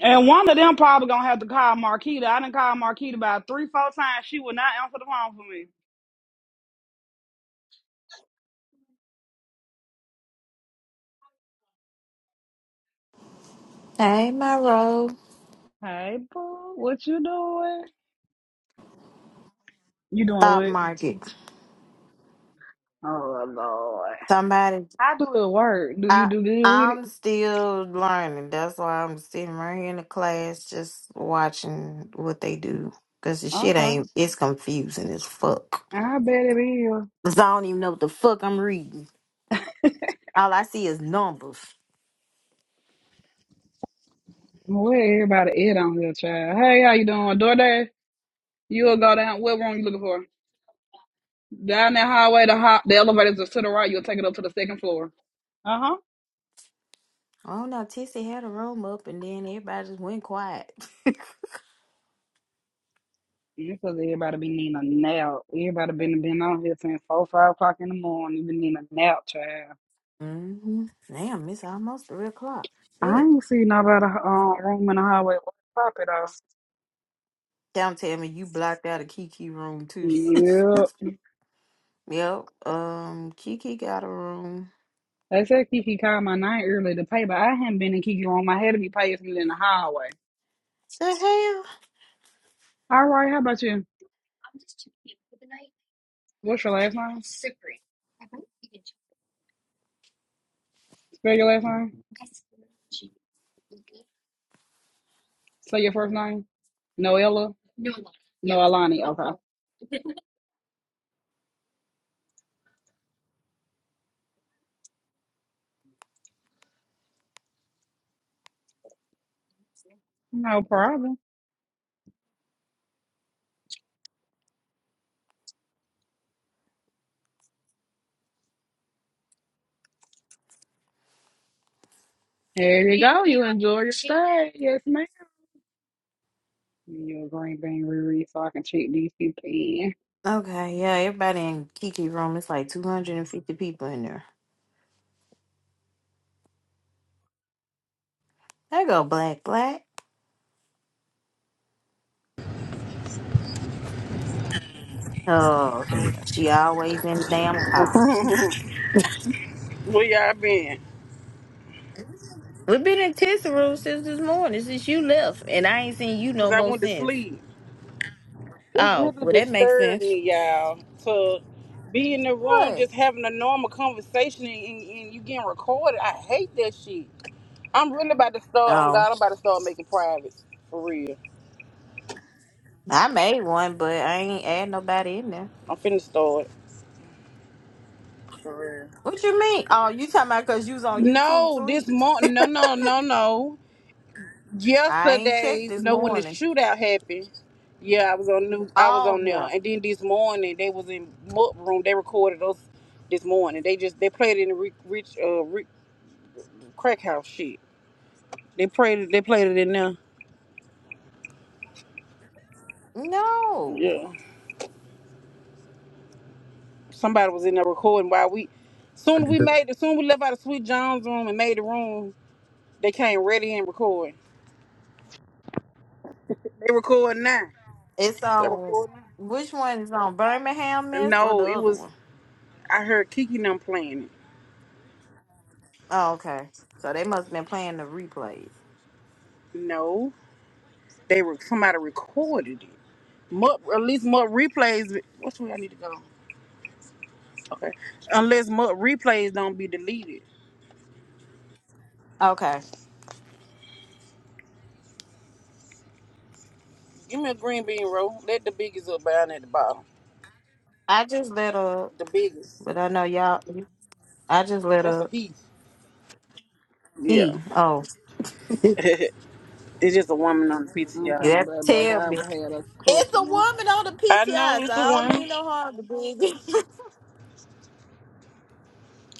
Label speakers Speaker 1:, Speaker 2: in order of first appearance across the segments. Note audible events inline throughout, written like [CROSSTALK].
Speaker 1: And one of them probably gonna have to call Marquita. I done called Marquita about three, four times. She would not answer the phone for me.
Speaker 2: Hey, my Monroe.
Speaker 1: Hey, boo, what you doing? You doing
Speaker 2: Stock
Speaker 1: what?
Speaker 2: market.
Speaker 1: Oh Lord,
Speaker 2: Somebody,
Speaker 1: I do it work. Do you
Speaker 2: I,
Speaker 1: do good with it?
Speaker 2: I'm still learning. That's why I'm sitting right here in the class just watching what they do. Because the shit
Speaker 1: Okay,
Speaker 2: ain't, it's confusing as fuck.
Speaker 1: I bet it is.
Speaker 2: 'Cause I don't even know what the fuck I'm reading. All I see is numbers.
Speaker 1: Where everybody at on here, child? Hey, how you doing? DoorDash? You'll go down. What room you looking for? Down that hallway, the hot, the elevators are to the right. You'll take it up to the second floor. Uh huh.
Speaker 2: I don't know. Tissy had a room up and then everybody just went quiet.
Speaker 1: Because everybody be needing a nap. Everybody been been on here since four, five o'clock in the morning. You Been needing a nap, child.
Speaker 2: hmm Damn, it's almost 3 o'clock.
Speaker 1: I
Speaker 2: Shit.
Speaker 1: ain't seen nobody um room in the hallway with pop it off.
Speaker 2: Don't tell me you blocked out a Kiki room too. [LAUGHS]
Speaker 1: Yep.
Speaker 2: Yep. Um, Kiki got a room.
Speaker 1: They said Kiki called my name early to pay, but I hadn't been in Kiki room. I had to be paying something in the hallway.
Speaker 2: The hell?
Speaker 1: All right, how about you? What's your last name? Sipri. Spell your last name. Say your first name. Noella. No, Alani. Okay. No problem. There you go. You enjoy your stay. Yes, ma'am. Your green bean reread so I can check DCP.
Speaker 2: Okay, yeah, everybody in Kiki room, it's like 250 people in there. There go Black Black. Oh, hell. She always in the damn car.
Speaker 3: [LAUGHS] Where y'all been?
Speaker 2: We've been in Tissa room since this morning, since you left, and I ain't seen you
Speaker 3: Cause
Speaker 2: no
Speaker 3: I
Speaker 2: more
Speaker 3: went to
Speaker 2: since.
Speaker 3: sleep. It
Speaker 2: Oh,
Speaker 3: really
Speaker 2: well, that makes
Speaker 3: disturbed
Speaker 2: sense.
Speaker 3: me, y'all, to be in the room
Speaker 2: What?
Speaker 3: just having a normal conversation and, and, and you getting recorded. I hate that shit. I'm really about to start on
Speaker 2: Oh,
Speaker 3: God. I'm about to start making privates for real.
Speaker 2: I made one, but I ain't add nobody in there.
Speaker 3: I'm finna start for real.
Speaker 2: What you mean? Oh, you talking about because you was on YouTube
Speaker 3: No, this
Speaker 2: sleep.
Speaker 3: month. No, no, no, no.
Speaker 2: I ain't checked
Speaker 3: yesterday,
Speaker 2: this
Speaker 3: no, when the
Speaker 2: morning.
Speaker 3: shootout happened, yeah, I was on new, I was
Speaker 2: Oh,
Speaker 3: on
Speaker 2: yeah.
Speaker 3: there, and then this morning they was in Mutt room. They recorded us this morning. They just they played it in the rich, rich uh rich crack house shit. They played it. They played it in there.
Speaker 2: No,
Speaker 3: Yeah, somebody was in there recording while we. Soon
Speaker 4: Praise
Speaker 3: we
Speaker 4: the
Speaker 3: made it. Soon we left out of Sweet John's room and made the room. They came ready and recording. They recording now.
Speaker 2: it's
Speaker 3: They
Speaker 2: on.
Speaker 3: recording.
Speaker 2: Which one is on Birmingham
Speaker 3: now.
Speaker 2: Miss or the
Speaker 3: No, it
Speaker 2: other
Speaker 3: was.
Speaker 2: one?
Speaker 3: I heard Kiki and them playing it.
Speaker 2: Oh, okay. So they must have been playing the replays.
Speaker 3: No, they were somebody recorded it. More, at least more replays. Which way I need to go? Okay. Unless more replays don't be deleted.
Speaker 2: Okay,
Speaker 3: Give me a green bean roll. Let the biggest up down at the bottom.
Speaker 2: I just let up,
Speaker 3: The biggest.
Speaker 2: but I know y'all. I just let
Speaker 3: That's a
Speaker 2: up.
Speaker 3: he. Yeah.
Speaker 2: E. Oh,
Speaker 3: [LAUGHS] it's just a woman on the pizza,
Speaker 1: I'm
Speaker 3: y'all.
Speaker 2: you
Speaker 1: coming,
Speaker 2: have to
Speaker 1: Blood Black.
Speaker 2: tell
Speaker 1: I
Speaker 2: me.
Speaker 1: will have a
Speaker 2: It's a woman
Speaker 1: customer.
Speaker 2: on the
Speaker 3: I know
Speaker 2: PTI, so
Speaker 3: it's a
Speaker 2: I don't
Speaker 3: woman.
Speaker 2: mean no harm to big. [LAUGHS]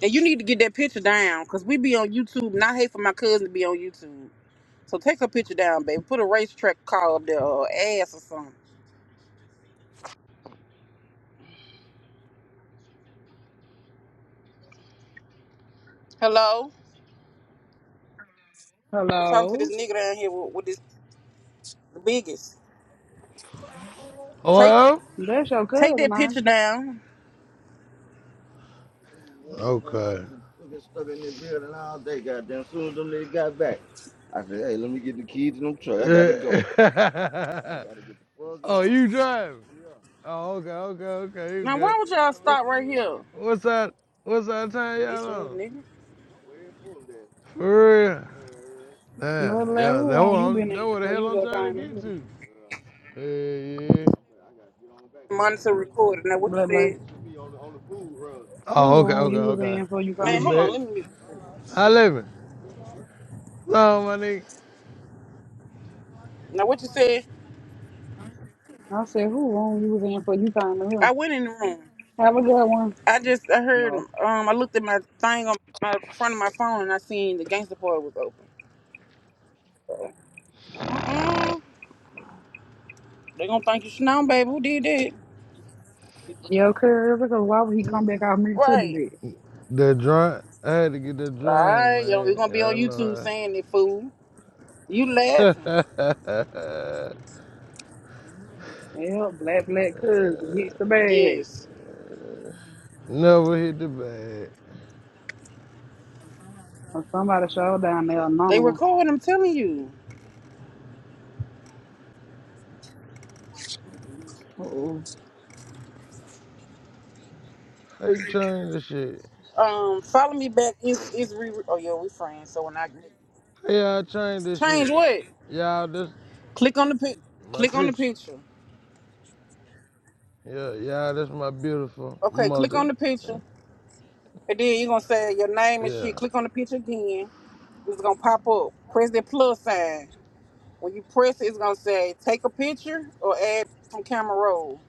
Speaker 3: And you need to get that picture down because we be on YouTube and I hate for my cousin to be on YouTube. So take her picture down, baby. Put a racetrack car up there or ass or something. Hello? I'm talking to
Speaker 1: Hello,
Speaker 3: this nigga down here with, with this the biggest. Take
Speaker 5: Hello?
Speaker 1: that's your
Speaker 3: take
Speaker 1: cousin,
Speaker 3: that
Speaker 1: man.
Speaker 3: picture down.
Speaker 5: Okay. I [LAUGHS] gotta oh, you driving? Oh, okay, okay, okay, you
Speaker 3: Now, why
Speaker 5: good.
Speaker 3: would y'all stop right here?
Speaker 5: Wh- What's that? What's that time
Speaker 3: Bitch
Speaker 5: y'all
Speaker 3: ass
Speaker 5: on?
Speaker 3: nigga.
Speaker 5: For real?
Speaker 1: Blood
Speaker 5: Damn,
Speaker 1: Black,
Speaker 5: yeah,
Speaker 1: who
Speaker 5: that
Speaker 1: wrong
Speaker 5: what
Speaker 1: you
Speaker 5: I'm,
Speaker 1: been
Speaker 5: that
Speaker 1: in
Speaker 5: what the
Speaker 1: for?
Speaker 5: hell
Speaker 1: You
Speaker 5: I'm
Speaker 1: just
Speaker 5: trying to
Speaker 1: came
Speaker 5: get
Speaker 1: in.
Speaker 5: to. Yeah, yeah.
Speaker 3: Monitor recording. Now, what you
Speaker 1: Blood Black,
Speaker 3: said?
Speaker 5: Oh,
Speaker 1: who
Speaker 5: okay,
Speaker 1: wrong
Speaker 5: okay,
Speaker 1: you was
Speaker 5: okay.
Speaker 1: in for? You
Speaker 5: It's a
Speaker 3: Man,
Speaker 1: came
Speaker 3: hold on.
Speaker 5: bet.
Speaker 1: in.
Speaker 3: Let me.
Speaker 5: I
Speaker 3: Shit.
Speaker 5: living. So my nigga,
Speaker 3: Now, what you said?
Speaker 1: I said, who wrong you was in for? You came in here.
Speaker 3: I went in the room.
Speaker 1: Have a good one.
Speaker 3: I just, I heard,
Speaker 1: No,
Speaker 3: um, I looked at my thing on my front of my phone and I seen the gangster part was open. So, uh-uh. They gonna think you snow, baby. Who did that?
Speaker 1: your cousin. Because why would he come back out me to the
Speaker 3: Right.
Speaker 1: dead?
Speaker 5: the drain. I had to get that
Speaker 3: All
Speaker 5: drain,
Speaker 3: right. Yo, we
Speaker 5: man.
Speaker 3: gonna
Speaker 5: I
Speaker 3: be on YouTube
Speaker 5: know.
Speaker 3: saying it, fool. You
Speaker 5: [LAUGHS]
Speaker 3: laughing.
Speaker 5: Never
Speaker 1: Yeah, Black Black cousin hits the bag.
Speaker 3: Yes.
Speaker 5: hit the bag.
Speaker 1: Or somebody showed down there
Speaker 3: They
Speaker 1: anonymous.
Speaker 3: recording, I'm telling you.
Speaker 1: Uh oh,
Speaker 5: How you change this shit?
Speaker 3: Um, follow me back. It's, it's re- Oh, yeah, we friends. So when I
Speaker 5: How y'all change this
Speaker 3: Change
Speaker 5: shit?
Speaker 3: what?
Speaker 5: Y'all, this
Speaker 3: Click on the pic.
Speaker 5: my
Speaker 3: Click on the
Speaker 5: picture.
Speaker 3: picture.
Speaker 5: Yeah, y'all, this my beautiful
Speaker 3: Okay, click on
Speaker 5: mother.
Speaker 3: the picture,
Speaker 5: Mm,
Speaker 3: and then you're gonna say your name and shit.
Speaker 5: Yeah.
Speaker 3: Click on the picture again. It's gonna pop up. Press that plus sign. When you press it, it's gonna say take a picture or add from camera roll.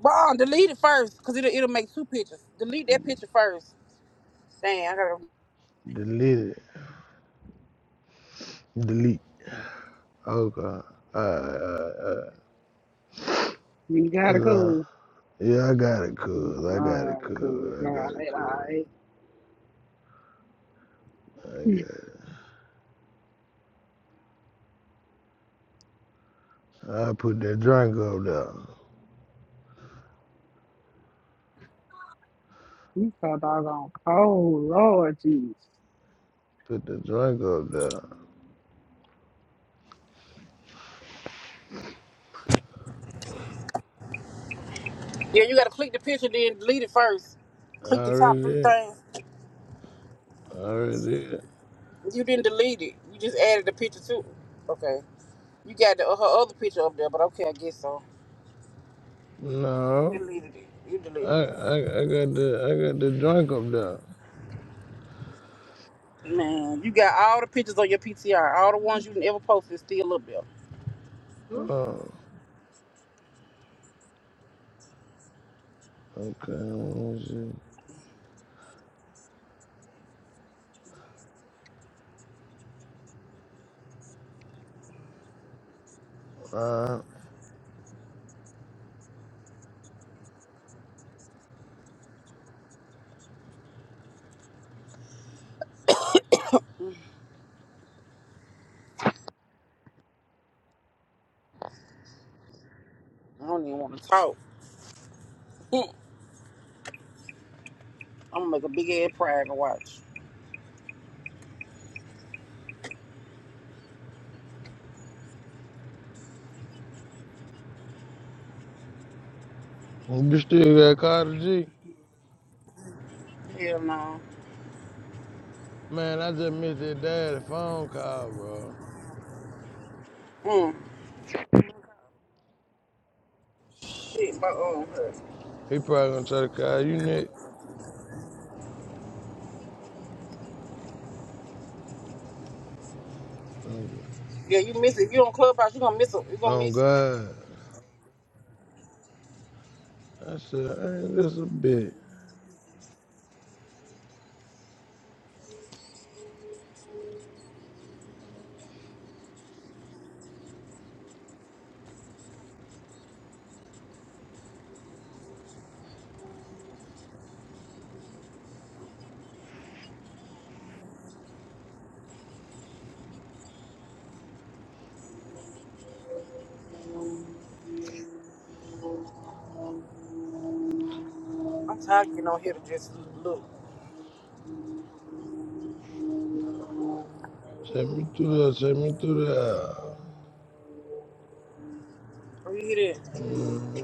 Speaker 3: Bon, delete it first, cause it'll it'll make two pictures. Delete that picture first. Damn, I gotta.
Speaker 5: Delete it. Delete. Okay. Alright, alright, alright.
Speaker 1: you
Speaker 5: It's,
Speaker 1: got a
Speaker 5: uh,
Speaker 1: cousin.
Speaker 5: Yeah, I got it,
Speaker 1: My
Speaker 5: cuz. I got it, cuz.
Speaker 1: God,
Speaker 5: I
Speaker 1: right,
Speaker 5: got it,
Speaker 1: I
Speaker 5: cuz. I got it. I put that drink up there.
Speaker 1: We thought I was on cold, Lord Jesus.
Speaker 5: Put the drink up there.
Speaker 3: Yeah, you gotta click the picture, then delete it first. Click
Speaker 5: I
Speaker 3: the
Speaker 5: already
Speaker 3: top three
Speaker 5: did.
Speaker 3: things.
Speaker 5: I already did.
Speaker 3: You didn't delete it. You just added the picture too. Okay. You got the, her other picture up there, but okay, I guess so. You
Speaker 5: No,
Speaker 3: deleted it. You
Speaker 5: I,
Speaker 3: deleted it.
Speaker 5: I, I got the, I got the drink up there.
Speaker 3: Man, you got all the pictures on your PTR, all the ones you ever posted still up there.
Speaker 5: Oh, okay. Let me see. Alright.
Speaker 3: I don't even want to talk. [LAUGHS] Mm. I'm gonna make a big ass pride to watch.
Speaker 5: You still got Carter G?
Speaker 3: Hell no.
Speaker 5: Man, I just missed that daddy phone call, bro.
Speaker 3: Mm. Shit, my own hurt.
Speaker 5: He probably gonna try to call you next. Oh,
Speaker 3: Yeah, you miss it. If you on Clubhouse, you gonna miss it. You gonna
Speaker 5: oh,
Speaker 3: miss it.
Speaker 5: God. I said, ain't this a bitch?
Speaker 3: I'm tired of getting on here to just look.
Speaker 5: Take me through there, take me through there.
Speaker 3: Oh, you hear that?
Speaker 5: hmm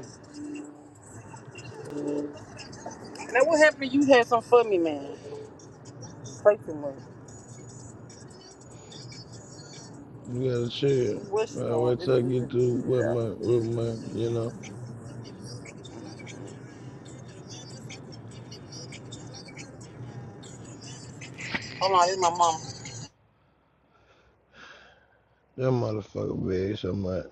Speaker 3: Now, what happened? if You had some for me, man. Play too much.
Speaker 5: You gotta chill.
Speaker 3: Where she
Speaker 5: Man,
Speaker 3: going?
Speaker 5: wait
Speaker 3: This
Speaker 5: till I
Speaker 3: bitch
Speaker 5: get
Speaker 3: is
Speaker 5: through with
Speaker 3: Jesus.
Speaker 5: my, with my, you know,
Speaker 3: Hold on, this my mama.
Speaker 5: that motherfucker big so much.